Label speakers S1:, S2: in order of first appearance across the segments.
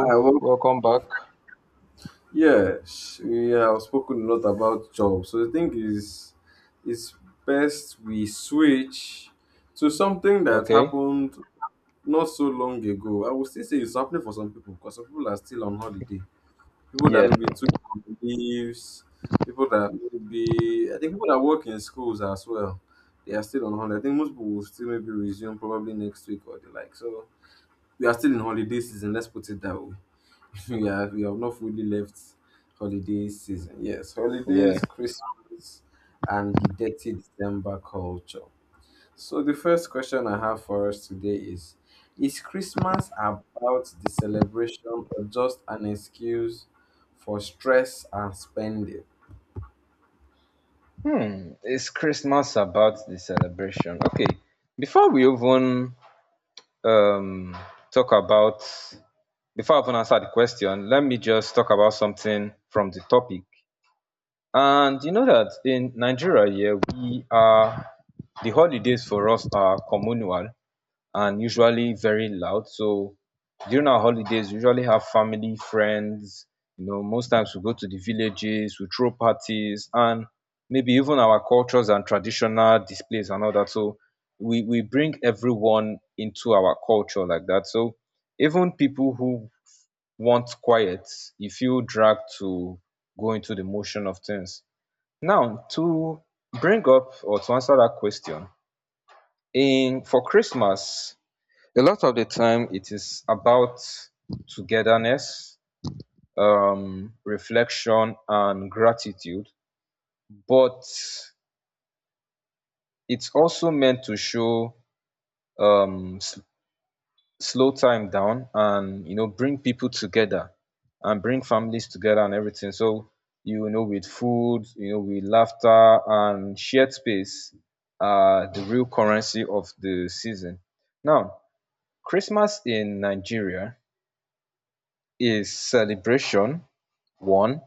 S1: I work,
S2: welcome back.
S1: yeah, we have spoken a lot about jobs. So the thing is, it's best we switch to something that
S2: Okay.
S1: happened not so long ago. I will still say it's happening for some people because some people are still on holiday. People that
S2: Yeah,
S1: maybe took
S2: true.
S1: leaves, people that maybe, I think people that work in schools as well, they are still on holiday. I think most people will still maybe resume probably next week or the like. So we are still in holiday season, let's put it that way. Yeah, we have not fully left holiday season. Yes,
S2: Yeah.
S1: holidays, Christmas, and the dirty December culture. So the first question I have for us today is Christmas about the celebration or just an excuse for stress and spending?
S2: Hmm. Is Christmas about the celebration? Okay. Before we even um talk about Before I even answer the question, let me just talk about something from the topic. And you know that in Nigeria, yeah, we are the holidays for us are communal and usually very loud. So during our holidays, we usually have family, friends. You know, most times we go to the villages, we throw parties, and maybe even our cultures and traditional displays and all that. So we bring everyone into our culture like that. So even people who want quiet, you feel dragged to go into the motion of things. Now to bring up or to answer that question, in for Christmas, a lot of the time it is about togetherness, reflection and gratitude, but it's also meant to show, um, s- slow time down, and you know, bring people together and bring families together and everything. So you know, with food, you know, with laughter and shared space are the real currency of the season. Now Christmas in Nigeria is celebration, one,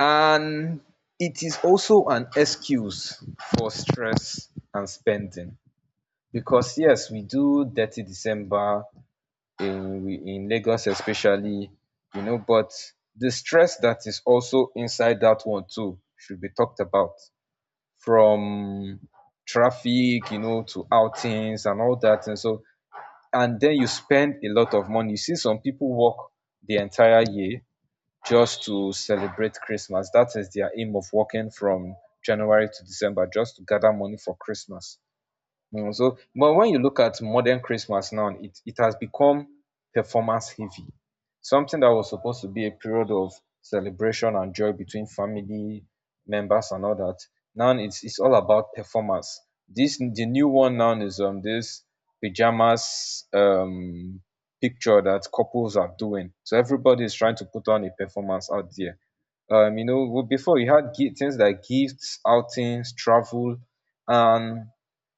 S2: and it is also an excuse for stress and spending because yes, we do dirty December in we in Lagos especially, you know. But the stress that is also inside that one too should be talked about, from traffic, you know, to outings and all that. And so and then you spend a lot of money. You see some people work the entire year just to celebrate Christmas. That is their aim of working from January to December, just to gather money for Christmas. Mm, so but when you look at modern Christmas now, it has become performance heavy. Something that was supposed to be a period of celebration and joy between family members and all that. Now it's all about performance. This The new one now is this pajamas picture that couples are doing. So everybody is trying to put on a performance out there, you know. Well, before we had things like gifts, outings, travel, and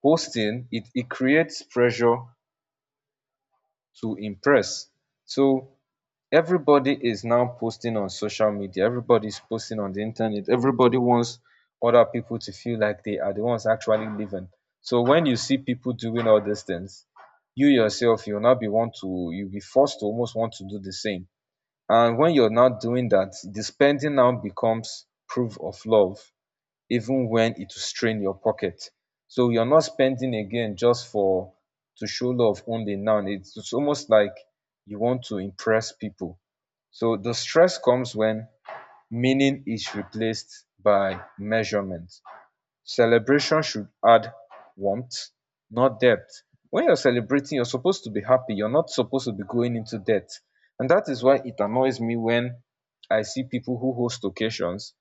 S2: hosting. It creates pressure to impress. So everybody is now posting on social media. Everybody's posting on the internet. Everybody wants other people to feel like they are the ones actually living. So when you see people doing all these things, you yourself, you'll not be want to you'll be forced to almost want to do the same. And when you're not doing that, the spending now becomes proof of love even when it will strain your pocket. So you're not spending again just for to show love only. Now it's almost like you want to impress people. So the stress comes when meaning is replaced by measurement. Celebration should add warmth, not depth. When you're celebrating, you're supposed to be happy. You're not supposed to be going into debt. And that is why it annoys me when I see people who host occasions,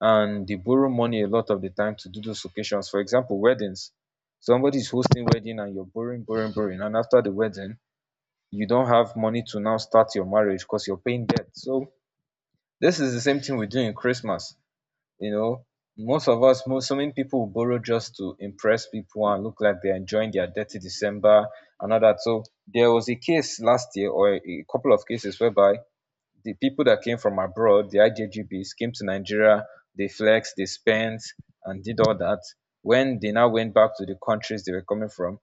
S2: and they borrow money a lot of the time to do those occasions, for example weddings. Somebody is hosting wedding and you're borrowing, borrowing, borrowing, and after the wedding you don't have money to now start your marriage because you're paying debt. So this is the same thing we do in Christmas. You know, most of us, most so many people will borrow just to impress people and look like they're enjoying their dirty December and all that. So there was a case last year or a couple of cases whereby the people that came from abroad, the IJGBs, came to Nigeria. They flexed, they spent, and did all that. When they now went back to the countries they were coming from,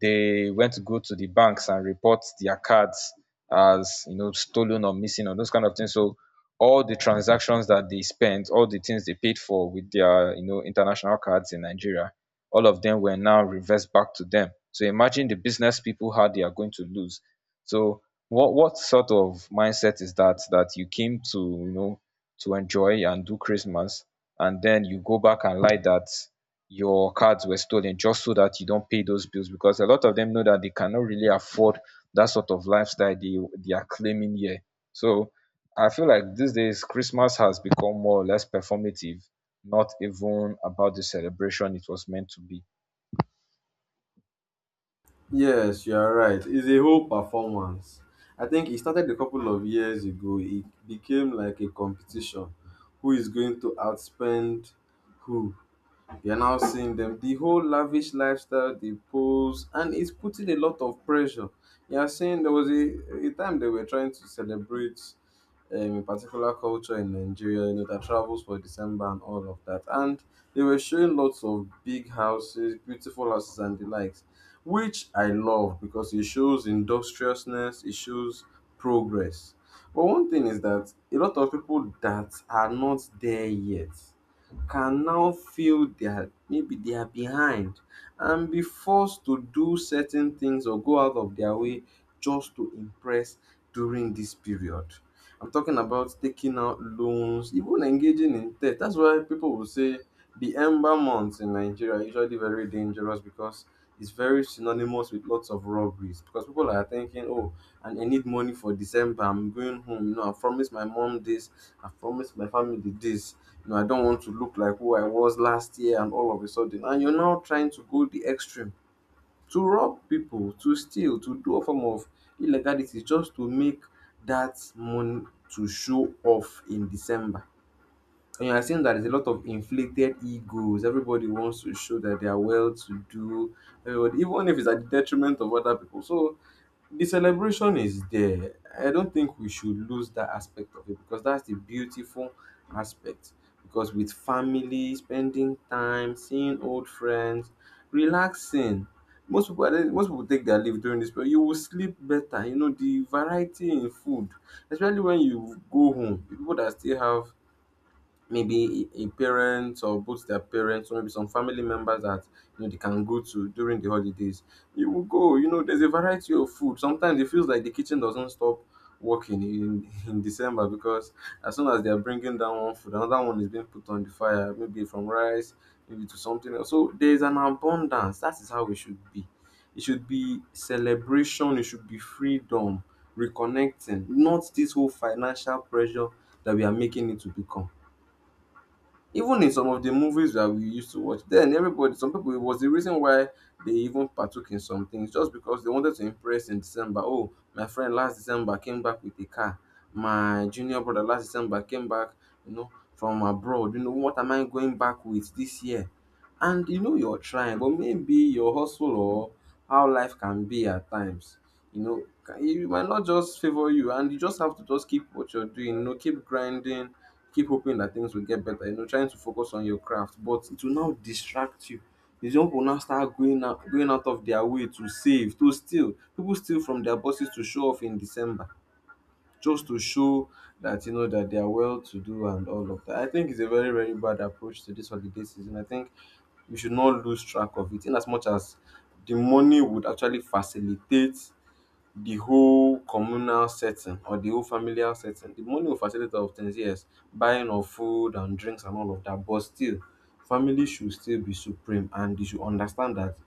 S2: they went to go to the banks and report their cards as, you know, stolen or missing or those kind of things. So all the transactions that they spent, all the things they paid for with their, you know, international cards in Nigeria, all of them were now reversed back to them. So imagine the business people how they are going to lose. So what sort of mindset is that, that you came to, you know, to enjoy and do Christmas, and then you go back and lie that your cards were stolen just so that you don't pay those bills because a lot of them know that they cannot really afford that sort of lifestyle they are claiming here. So I feel like these days Christmas has become more or less performative, not even about the celebration it was meant to be.
S1: Yes, you are right. It's a whole performance. I think it started a couple of years ago. It became like a competition. Who is going to outspend who? You're now seeing them. The whole lavish lifestyle they pose, and it's putting a lot of pressure. You're seeing there was a time they were trying to celebrate a particular culture in Nigeria, you know, that travels for December and all of that. And they were showing lots of big houses, beautiful houses, and the likes, which I love because it shows industriousness, it shows progress. But one thing is that a lot of people that are not there yet can now feel their maybe they are behind and be forced to do certain things or go out of their way just to impress during this period. I'm talking about taking out loans, even engaging in debt. That's why people will say the ember months in Nigeria are usually very dangerous because it's very synonymous with lots of robberies. Because people are thinking, oh, and I need money for December. I'm going home. You know, I promised my mom this. I promised my family this no, I don't want to look like who I was last year and all of a sudden. And you're now trying to go the extreme to rob people, to steal, to do a form of illegality just to make that money to show off in December. And you're seeing that there's a lot of inflated egos. Everybody wants to show that they are well to do. Everybody, even if it's at the detriment of other people. So the celebration is there. I don't think we should lose that aspect of it because that's the beautiful aspect. Because with family, spending time, seeing old friends, relaxing. Most people, I don't- most people take their leave during this, but you will sleep better. You know the variety in food, especially when you go home. People that still have maybe a parent or both their parents or maybe some family members that you know they can go to during the holidays. You will go, you know, there's a variety of food. Sometimes it feels like the kitchen doesn't stop working in, in December because as soon as they are bringing down one food, another one is being put on the fire, maybe from rice, maybe to something else. So there's an abundance. That is how it should be. It should be celebration, it should be freedom, reconnecting, not this whole financial pressure that we are making it to become. Even in some of the movies that we used to watch then, everybody some people it was the reason why they even partook in some things just because they wanted to impress in December. Oh, my friend last December came back with a car. My junior brother last December came back, you know, from abroad. You know, what am I going back with this year? And you know you're trying, but maybe your hustle or how life can be at times. You know, it might not just favor you, and you just have to just keep what you're doing. You know, keep grinding keep hoping that things will get better. You know, trying to focus on your craft, but it will now distract you. The young will now start going out of their way to save, to steal. People steal from their bosses to show off in December, just to show that you know that they are well to do and all of that. I think it's a very very bad approach to this holiday season. I think we should not lose track of it, in as much as the money would actually facilitate the whole communal setting or the whole familial setting. The money will facilitate a lot of things, yes, buying of food and drinks and all of that, but still, family should still be supreme and they should understand that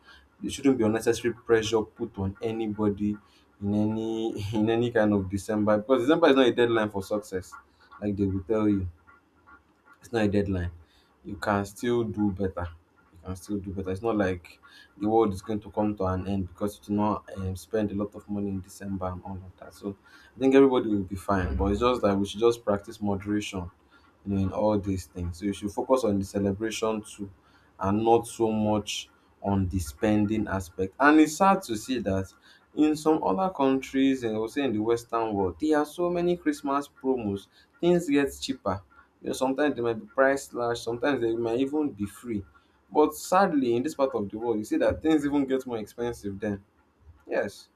S1: there shouldn't be unnecessary pressure put on anybody in any in any kind of December because December is not a deadline for success, like they will tell you. It's not a deadline. You can still do better. You can still do better. It's not like the world is going to come to an end because you do not spend a lot of money in December and all of that. So I think everybody will be fine. But it's just that we should just practice moderation you know, in all these things. So you should focus on the celebration too and not so much on the spending aspect. And it's sad to see that in some other countries, and also in the Western world, there are so many Christmas promos. Things get cheaper. You know, sometimes they might be price slash, sometimes they might even be free. But sadly, in this part of the world, you see that things even get more expensive then. Yes.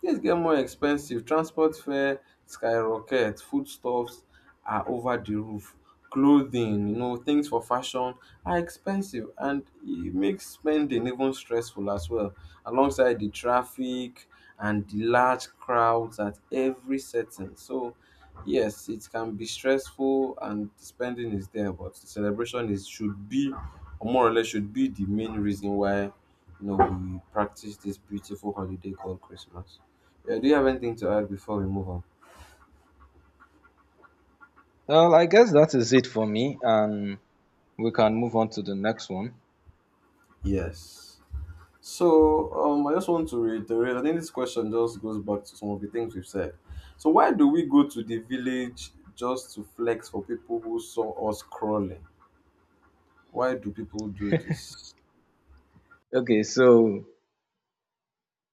S1: Things get more expensive. Transport fare skyrocket, foodstuffs are over the roof, clothing, you know, things for fashion are expensive and it makes spending even stressful as well. Alongside the traffic and the large crowds at every setting. So yes, it can be stressful and the spending is there, but the celebration is should be or more or less should be the main reason why you know we practice this beautiful holiday called Christmas. Yeah, do you have anything to add before we move on?
S2: Well, I guess that is it for me, and we can move on to the next one.
S1: Yes. So I just want to reiterate. I think this question just goes back to some of the things we've said. So why do we go to the village just to flex for people who saw us crawling? Why do people do this?
S2: Okay, so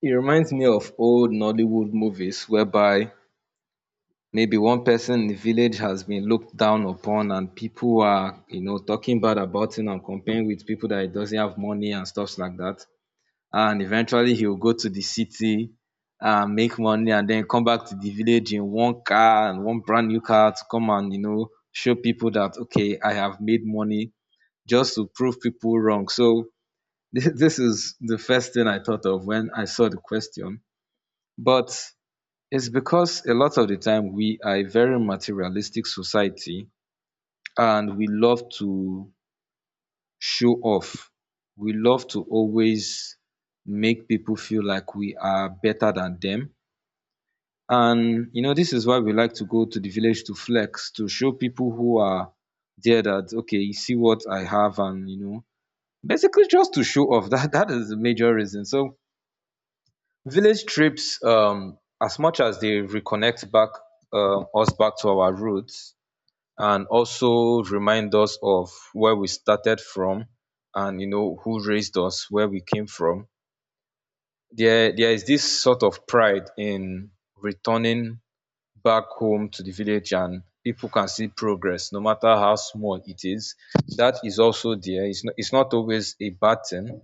S2: it reminds me of old Nollywood movies whereby maybe one person in the village has been looked down upon and people are, you know, talking bad about him and comparing with people that he doesn't have money and stuffs like that. And eventually he will go to the city and make money and then come back to the village in one car and one brand new car to come and, you know, show people that, okay, I have made money just to prove people wrong. So this is the first thing I thought of when I saw the question. But it's because a lot of the time we are a very materialistic society, and we love to show off. We love to always make people feel like we are better than them. And you know, this is why we like to go to the village to flex, to show people who are there that okay, you see what I have. And you know, basically just to show off that that is the major reason. So village trips, as much as they reconnect back, us back to our roots, and also remind us of where we started from and you know who raised us, where we came from. There is this sort of pride in returning back home to the village and people can see progress no matter how small it is. That is also there. It's not always a bad thing,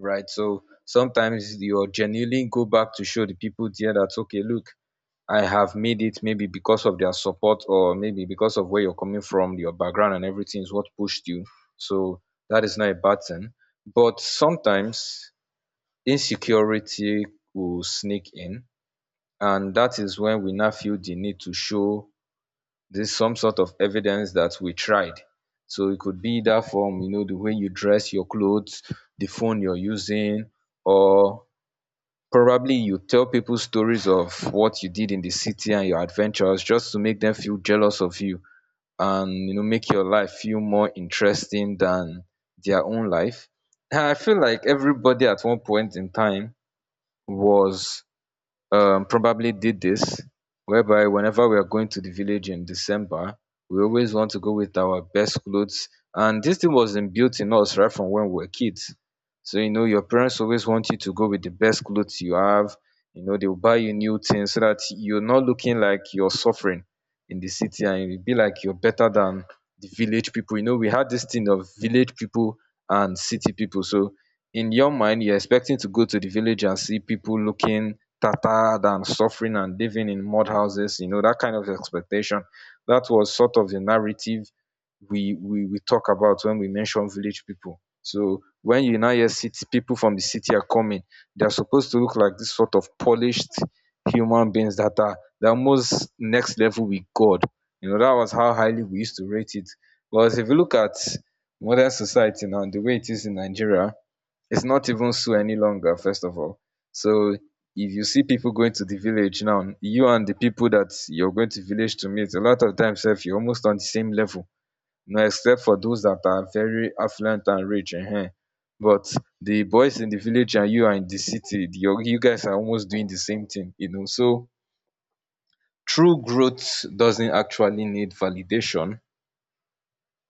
S2: right? So sometimes you're genuinely go back to show the people there that okay, look, I have made it, maybe because of their support or maybe because of where you're coming from, your background and everything is what pushed you. So that is not a bad thing. But sometimes insecurity will sneak in, and that is when we now feel the need to show this some sort of evidence that we tried. So it could be that form, you know, the way you dress, your clothes, the phone you're using, or probably you tell people stories of what you did in the city and your adventures just to make them feel jealous of you, and you know, make your life feel more interesting than their own life. And I feel like everybody at one point in time was, probably did this, whereby whenever we are going to the village in December, we always want to go with our best clothes. And this thing was inbuilt in us right from when we were kids. So, you know, your parents always want you to go with the best clothes you have. You know, they'll buy you new things so that you're not looking like you're suffering in the city and you'll be like you're better than the village people. You know, we had this thing of village people and city people. So, in your mind, you're expecting to go to the village and see people looking tattered and suffering and living in mud houses, you know, that kind of expectation. That was sort of the narrative we talk about when we mention village people. So when you now hear city people from the city are coming, they are supposed to look like this sort of polished human beings that are the almost next level with God. You know, that was how highly we used to rate it. Whereas if you look at modern society now, and the way it is in Nigeria, it's not even so any longer. First of all, so if you see people going to the village now, you and the people that you're going to village to meet, a lot of times sef, you're almost on the same level. No, except for those that are very affluent and rich, ehen, but the boys in the village and you are in the city, you guys are almost doing the same thing, you know. So true growth doesn't actually need validation.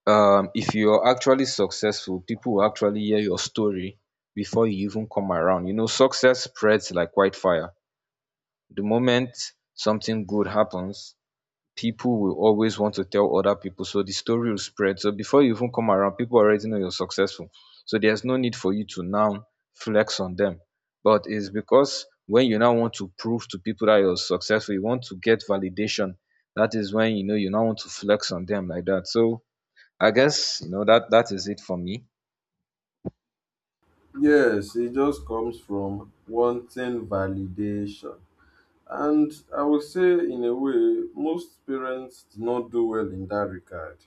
S2: If you're actually successful, people will actually hear your story before you even come around. You know, success spreads like wildfire. The moment something good happens, people will always want to tell other people, so the story will spread. So before you even come around, people already know you're successful. So there's no need for you to now flex on them. But it's because when you now want to prove to people that you're successful, you want to get validation. That is when you know you now want to flex on them like that. So I guess, you know, that is it for me.
S1: Yes, it just comes from wanting validation. And I would say, in a way, most parents do not do well in that regard.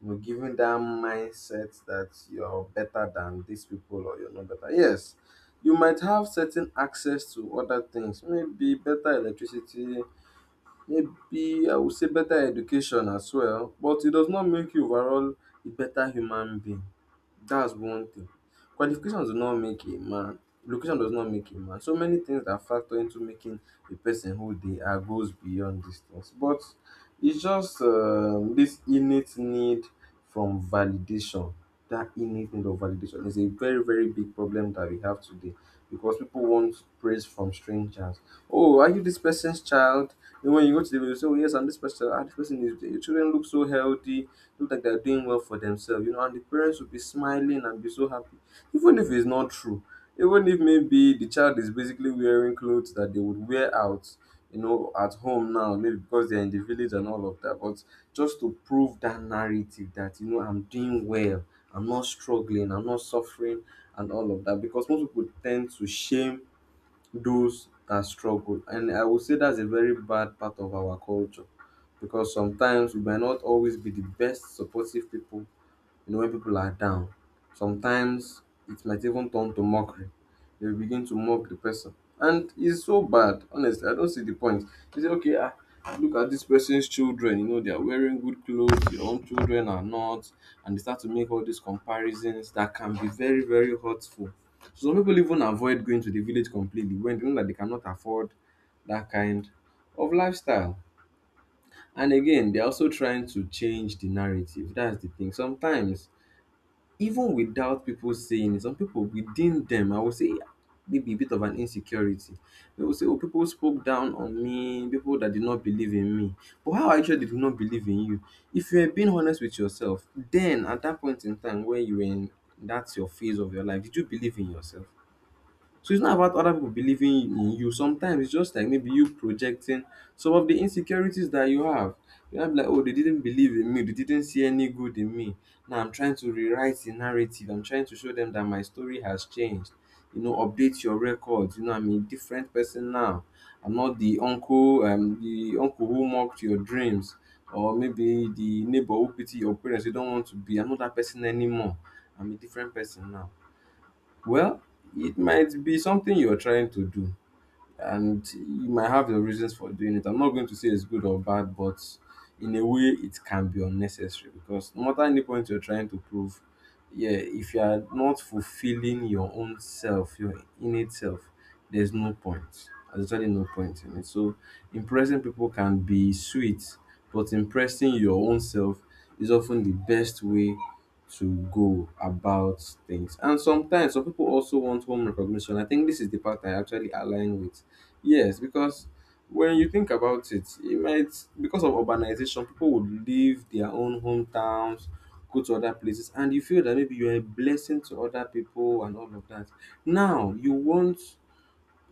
S1: You know, giving that mindset that you're better than these people or you're not better. Yes, you might have certain access to other things, maybe better electricity, maybe I would say better education as well, but it does not make you overall a better human being that's one thing. Qualifications do not make a man. Location does not make a man. So many things that factor into making a person who they are goes beyond distance. But it's just this innate need from validation. That innate need of validation is a very, very big problem that we have today because people want praise from strangers. Oh, are you this person's child? And when you go to the video, you say, oh, yes, I'm this person. Ah, this person is, your children look so healthy look like they're doing well for themselves, you know, and the parents will be smiling and be so happy. Even if it's not true, even if maybe the child is basically wearing clothes that they would wear out, you know, at home now, maybe because they're in the village and all of that, but just to prove that narrative that, you know, I'm doing well, I'm not struggling, I'm not suffering, and all of that, because most people tend to shame those that struggle. And I would say that's a very bad part of our culture because sometimes we may not always be the best supportive people you know, when people are down, sometimes it might even turn to mockery. They will begin to mock the person. And it's so bad, honestly. I don't see the point. They say, okay, ah, look at this person's children. You know, they are wearing good clothes, your own children are not. And they start to make all these comparisons that can be very, very hurtful. So some people even avoid going to the village completely when they know that they cannot afford that kind of lifestyle. And again, they're also trying to change the narrative. That's the thing. Sometimes even without people saying it, some people within them, I would say maybe a bit of an insecurity. They will say, oh, people spoke down on me, people that did not believe in me. But how are you sure they do not believe in you? If you are being honest with yourself, then at that point in time where you were in that's your phase of your life, did you believe in yourself? So it's not about other people believing in you. Sometimes it's just like maybe you projecting some of the insecurities that you have. You have like, oh, they didn't believe in me. They didn't see any good in me. Now I'm trying to rewrite the narrative. I'm trying to show them that my story has changed. You know, update your records. You know, I'm a different person now. I'm not the uncle, the uncle who mocked your dreams, or maybe the neighbor who pity your parents. You don't want to be. I'm not that person anymore. I'm a different person now. Well, it might be something you're trying to do and you might have your reasons for doing it. I'm not going to say it's good or bad, but in a way, it can be unnecessary because no matter any point you're trying to prove, yeah, if you are not fulfilling your own self, your innate self, there's no point. There's actually no point in it. So impressing people can be sweet, but impressing your own self is often the best way to go about things. And sometimes some people also want home recognition. I think this is the part I actually align with. Yes, because when you think about it, it might because of urbanization, people would leave their own hometowns, go to other places, and you feel that maybe you're a blessing to other people and all of that. Now you want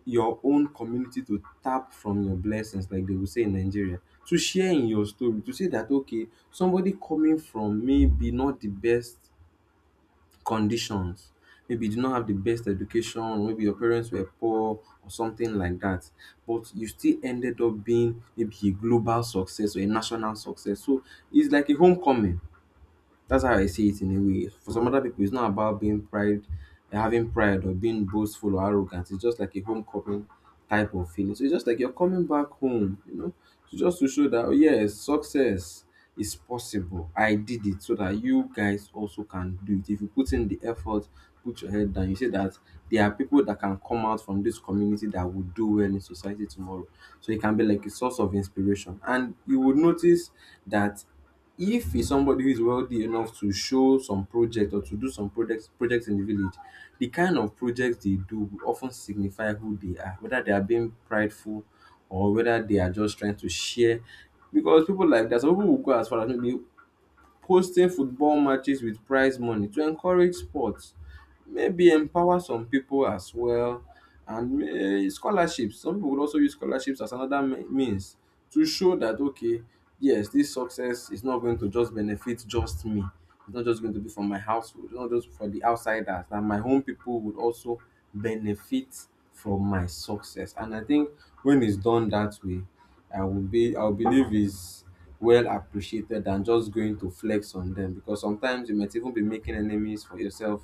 S1: your own community to tap from your blessings, like they will say in Nigeria, to share in your story, to say that okay, somebody coming from maybe not the best conditions. Maybe you did not have the best education, or maybe your parents were poor or something like that. But you still ended up being maybe a global success or a national success. So it's like a homecoming. That's how I see it in a way. For some other people, it's not about being pride, having pride or being boastful or arrogant. It's just like a homecoming type of feeling. So it's just like you're coming back home, you know. So just to show that oh, yes, success is possible. I did it so that you guys also can do it. If you put in the effort, put your head down, you say that there are people that can come out from this community that will do well in society tomorrow. So it can be like a source of inspiration. And you would notice that if he's somebody who is wealthy enough to show some project or to do some projects in the village, the kind of projects they do will of signify who they are, whether they are being prideful or whether they are just trying to share. Because people like that, some people will go as far as maybe posting football matches with prize money to encourage sports, maybe empower some people as well, and may scholarships, some people would also use scholarships as another means to show that okay, yes, this success is not going to just benefit just me. It's not just going to be for my household, it's not just for the outsiders that my home people would also benefit from my success. And I think when it's done that way, I will believe is well appreciated than just going to flex on them, because sometimes you might even be making enemies for yourself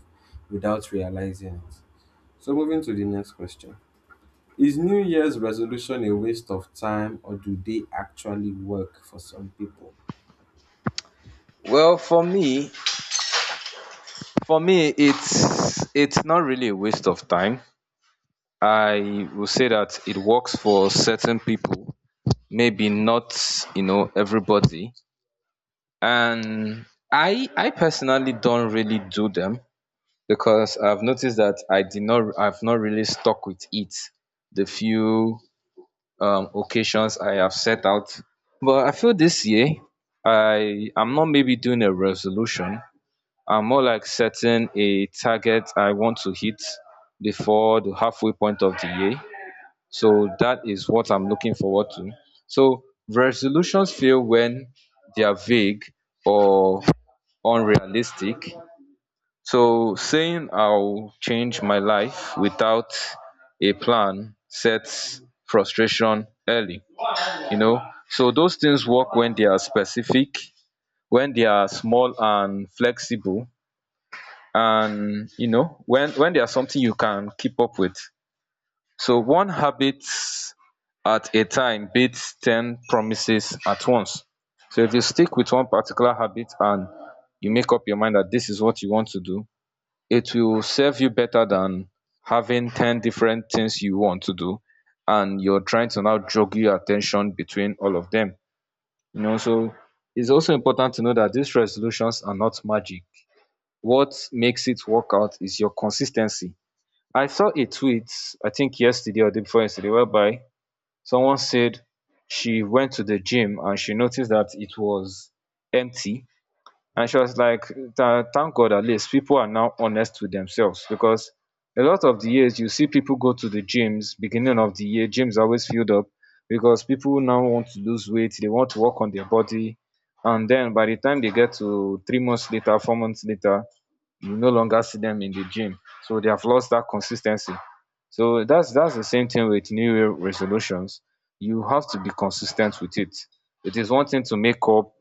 S1: without realizing it. So, moving to the next question. Is New Year's resolution a waste of time or do they actually work for some people?
S2: Well, for me, it's not really a waste of time. I will say that it works for certain people, maybe not, you know, everybody. And I personally don't really do them because I've noticed that I've not really stuck with it the few occasions I have set out. But I feel this year I am not maybe doing a resolution. I'm more like setting a target I want to hit before the halfway point of the year. So that is what I'm looking forward to. So resolutions fail when they are vague or unrealistic. So saying "I'll change my life" without a plan sets frustration early, you know. So those things work when they are specific, when they are small and flexible, and you know, when there's something you can keep up with. So one habit at a time beats 10 promises at once. So if you stick with one particular habit and you make up your mind that this is what you want to do, it will serve you better than having 10 different things you want to do and you're trying to now jog your attention between all of them, you know. So it's also important to know that these resolutions are not magic. What makes it work out is your consistency. I saw a tweet, I think yesterday or the day before yesterday, whereby someone said she went to the gym and she noticed that it was empty. And she was like, Thank God, at least people are now honest with themselves, because a lot of the years you see people go to the gyms, beginning of the year, gyms are always filled up because people now want to lose weight, they want to work on their body. And then by the time they get to 3 months later, 4 months later, you no longer see them in the gym. So they have lost that consistency." So that's the same thing with New Year resolutions. You have to be consistent with it. It is one thing to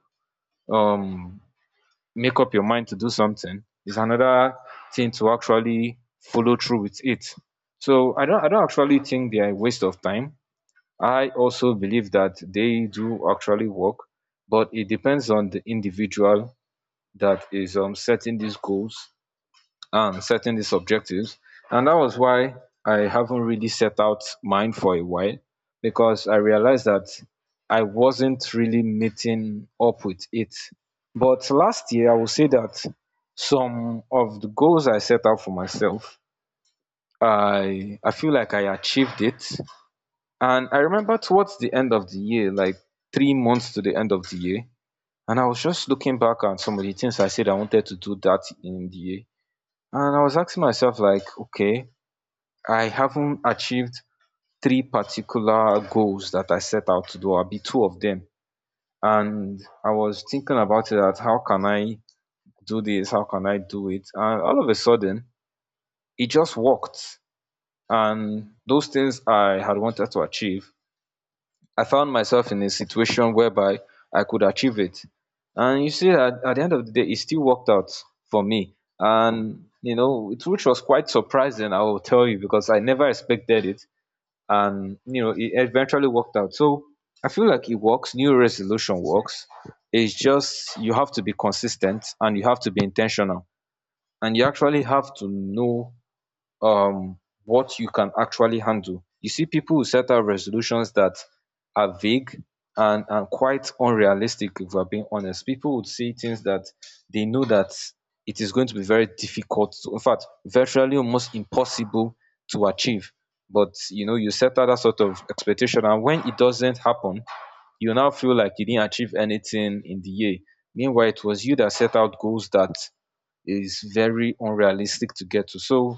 S2: um make up your mind to do something. It's another thing to actually follow through with it. So I don't actually think they are a waste of time. I also believe that they do actually work, but it depends on the individual that is setting these goals and setting these objectives. And that was why I haven't really set out mine for a while, because I realized that I wasn't really meeting up with it. But last year, I will say that some of the goals I set out for myself, I feel like I achieved it. And I remember towards the end of the year, like 3 months to the end of the year, and I was just looking back at some of the things I said I wanted to do that in the year, and I was asking myself like, okay, I haven't achieved three particular goals that I set out to do. I'll be two of them. And I was thinking about it, that how can I do this, how can I do it, and all of a sudden it just worked. And those things I had wanted to achieve, I found myself in a situation whereby I could achieve it. And you see, at the end of the day, it still worked out for me. And you know it, which was quite surprising, I will tell you, because I never expected it. And you know, it eventually worked out. So I feel like it works. New resolution works. It's just you have to be consistent and you have to be intentional, and you actually have to know um what you can actually handle. You see people who set out resolutions that are vague and quite unrealistic. If we're being honest, people would say things that they know that it is going to be very difficult to, in fact virtually almost impossible to achieve. But you know, you set out that sort of expectation, and when it doesn't happen, you now feel like you didn't achieve anything in the year. Meanwhile, it was you that set out goals that is very unrealistic to get to. So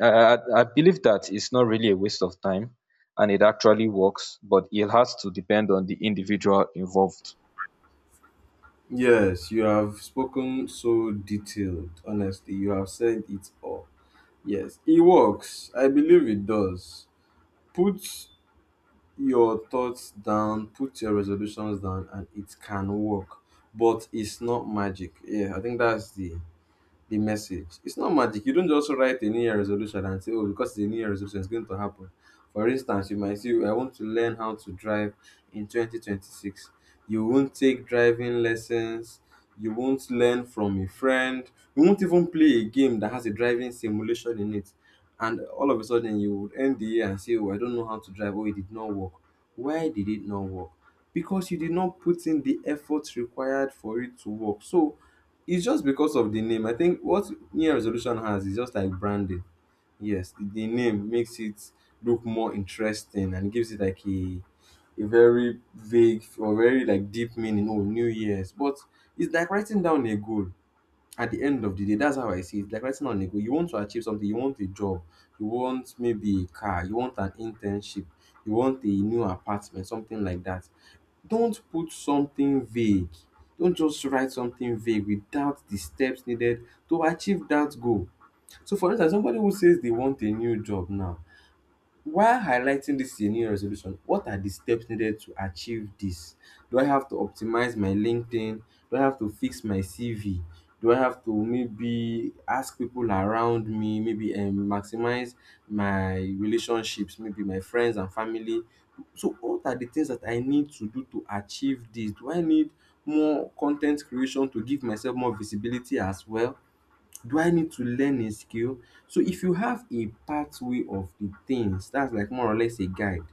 S2: I, I believe that it's not really a waste of time and it actually works, but it has to depend on the individual involved.
S1: Yes, you have spoken so detailed. Honestly, you have said it all. Yes, it works. I believe it does. Put your thoughts down, put your resolutions down, and it can work. But it's not magic. Yeah, I think that's the message. It's not magic. You don't just write a New Year resolution and say, oh, because it's a New Year resolution, it's going to happen. For instance, you might say, I want to learn how to drive in 2026. You won't take driving lessons. You won't learn from a friend. You won't even play a game that has a driving simulation in it. And all of a sudden, you would end the year and say, oh, I don't know how to drive. Oh, it did not work. Why did it not work? Because you did not put in the effort required for it to work. So, it's just because of the name. I think what New Year resolution has is just like branding. Yes, the name makes it look more interesting and gives it like a very vague or very like deep meaning. Oh, New Year's, but it's like writing down a goal. At the end of the day, that's how I see it. Like writing down a goal. You want to achieve something. You want a job. You want maybe a car. You want an internship. You want a new apartment. Something like that. Don't put something vague. Don't just write something vague without the steps needed to achieve that goal. So, for instance, somebody who says they want a new job now, while highlighting this year new resolution, what are the steps needed to achieve this? Do I have to optimize my LinkedIn? Do I have to fix my CV? Do I have to maybe ask people around me, maybe maximize my relationships, maybe my friends and family? So, what are the things that I need to do to achieve this? Do I need more content creation to give myself more visibility as well? Do I need to learn a skill? So if you have a pathway of the things, that's like more or less a guide.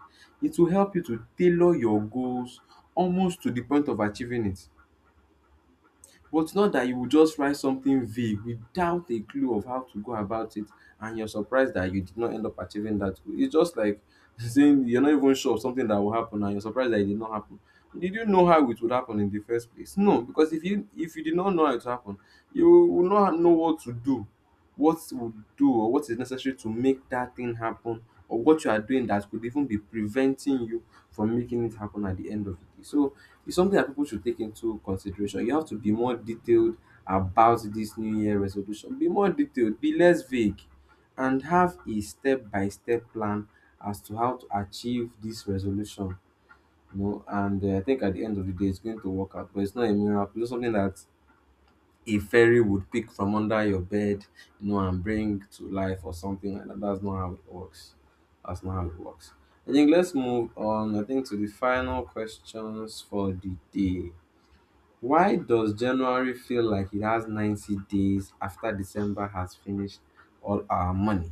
S1: It will help you to tailor your goals almost to the point of achieving it. But not that you will just write something vague without a clue of how to go about it and you're surprised that you did not end up achieving that goal. It's just like saying you're not even sure of something that will happen and you're surprised that it did not happen. Did you know how it would happen in the first place? No, because if you did not know how it happened, you will not know what to do, what would do or what is necessary to make that thing happen, or what you are doing that could even be preventing you from making it happen at the end of the day. So it's something that people should take into consideration. You have to be more detailed about this New Year resolution. Be more detailed, be less vague, and have a step by step plan as to how to achieve this resolution. You know, and I think at the end of the day, it's going to work out, but it's not a miracle. It's something that a fairy would pick from under your bed, you know, and bring to life or something like that. That's not how it works. That's not how it works. I think let's move on. I think to the final questions for the day. Why does January feel like it has 90 days after December has finished all our money?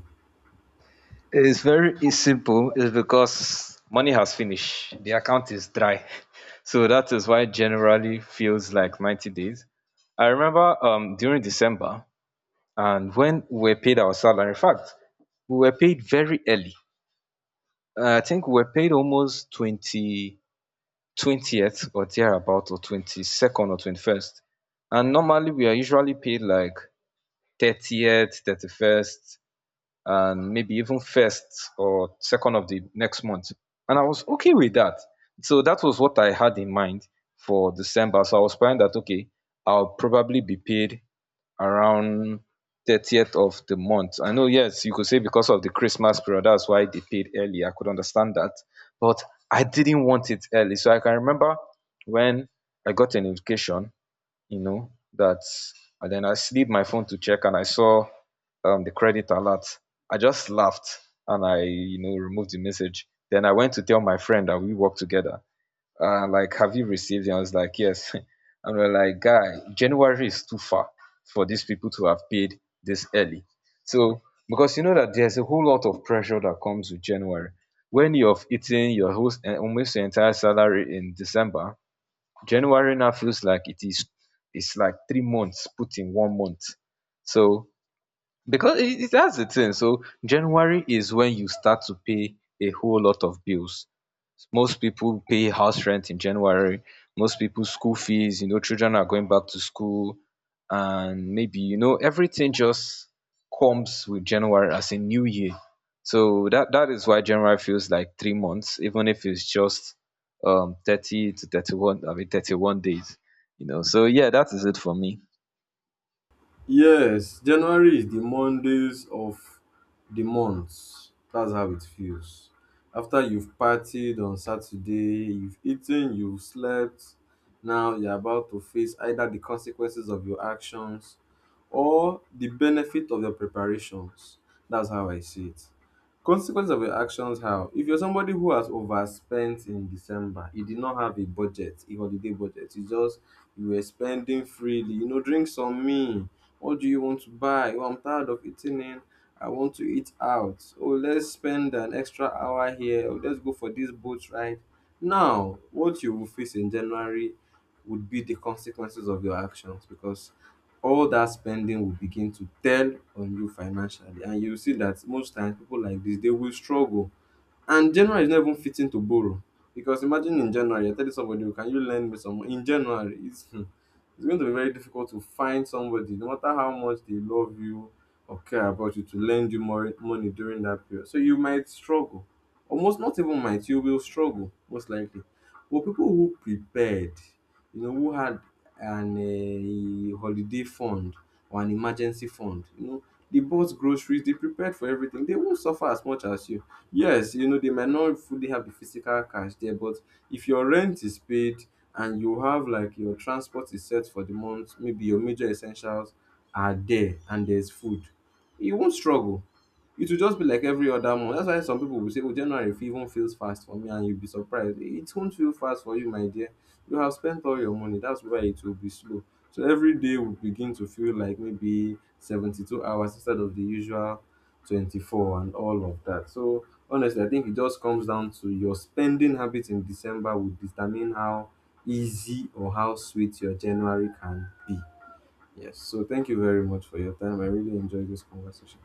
S2: It's very it's simple. It's because money has finished, the account is dry. So that is why it generally feels like 90 days. I remember during December, and when we were paid our salary, in fact, we were paid very early. I think we were paid almost 20, 20th or thereabout, or 22nd or 21st. And normally we are usually paid like 30th, 31st, and maybe even first or second of the next month, and I was okay with that. So that was what I had in mind for December. So I was planning that, okay, I'll probably be paid around 30th of the month. I know, yes, you could say because of the Christmas period, that's why they paid early. I could understand that, but I didn't want it early. So I can remember when I got a notification, you know, that, and then I slid my phone to check and I saw the credit alert. I just laughed, and I, you know, removed the message. Then I went to tell my friend that we work together, like, "Have you received it?" I was like, "Yes." And we're like, "Guy, January is too far for these people to have paid this early." So, because you know that there's a whole lot of pressure that comes with January. When you've eaten your whole, eh, almost your entire salary in December, January now feels like it's like 3 months put in 1 month. So, because that's the thing. So, January is when you start to pay a whole lot of bills. Most people pay house rent in January. Most people school fees, you know, children are going back to school, and maybe, you know, everything just comes with January as a new year. So that is why January feels like 3 months, even if it's just 30 to 31, 31 days, you know. So yeah, that is it for me.
S1: Yes, January is the Mondays of the month. That's how it feels. After you've partied on Saturday, you've eaten, you've slept, now you're about to face either the consequences of your actions or the benefit of your preparations. That's how I see it. Consequence of your actions how? If you're somebody who has overspent in December, you did not have a budget, a holiday budget, you just you were spending freely, you know, drink some me. What do you want to buy? Oh, I'm tired of eating in. I want to eat out. Oh, let's spend an extra hour here. Oh, let's go for this boat ride. Now, what you will face in January would be the consequences of your actions, because all that spending will begin to tell on you financially, and you see that most times people like this they will struggle. And January is not even fitting to borrow, because imagine in January you're telling somebody, "Oh, can you lend me some money?" In January, it's, hmm, it's going to be very difficult to find somebody, no matter how much they love you or care about you, to lend you more money during that period. So you might struggle, almost not even might, you will struggle most likely. But people who prepared, you know, who had an a holiday fund or an emergency fund, you know, they bought groceries, they prepared for everything. They won't suffer as much as you. Yes, you know, they might not fully have the physical cash there, but if your rent is paid and you have like your transport is set for the month, maybe your major essentials are there and there's food, you won't struggle. It will just be like every other month. That's why some people will say, Oh, January even feels fast for me, and you'll be surprised. It won't feel fast for you, my dear. You have spent all your money. That's why it will be slow. So every day will begin to feel like maybe 72 hours instead of the usual 24 and all of that. So honestly, I think it just comes down to your spending habits in December will determine how easy or how sweet your January can be. Yes. So thank you very much for your time. I really enjoyed this conversation.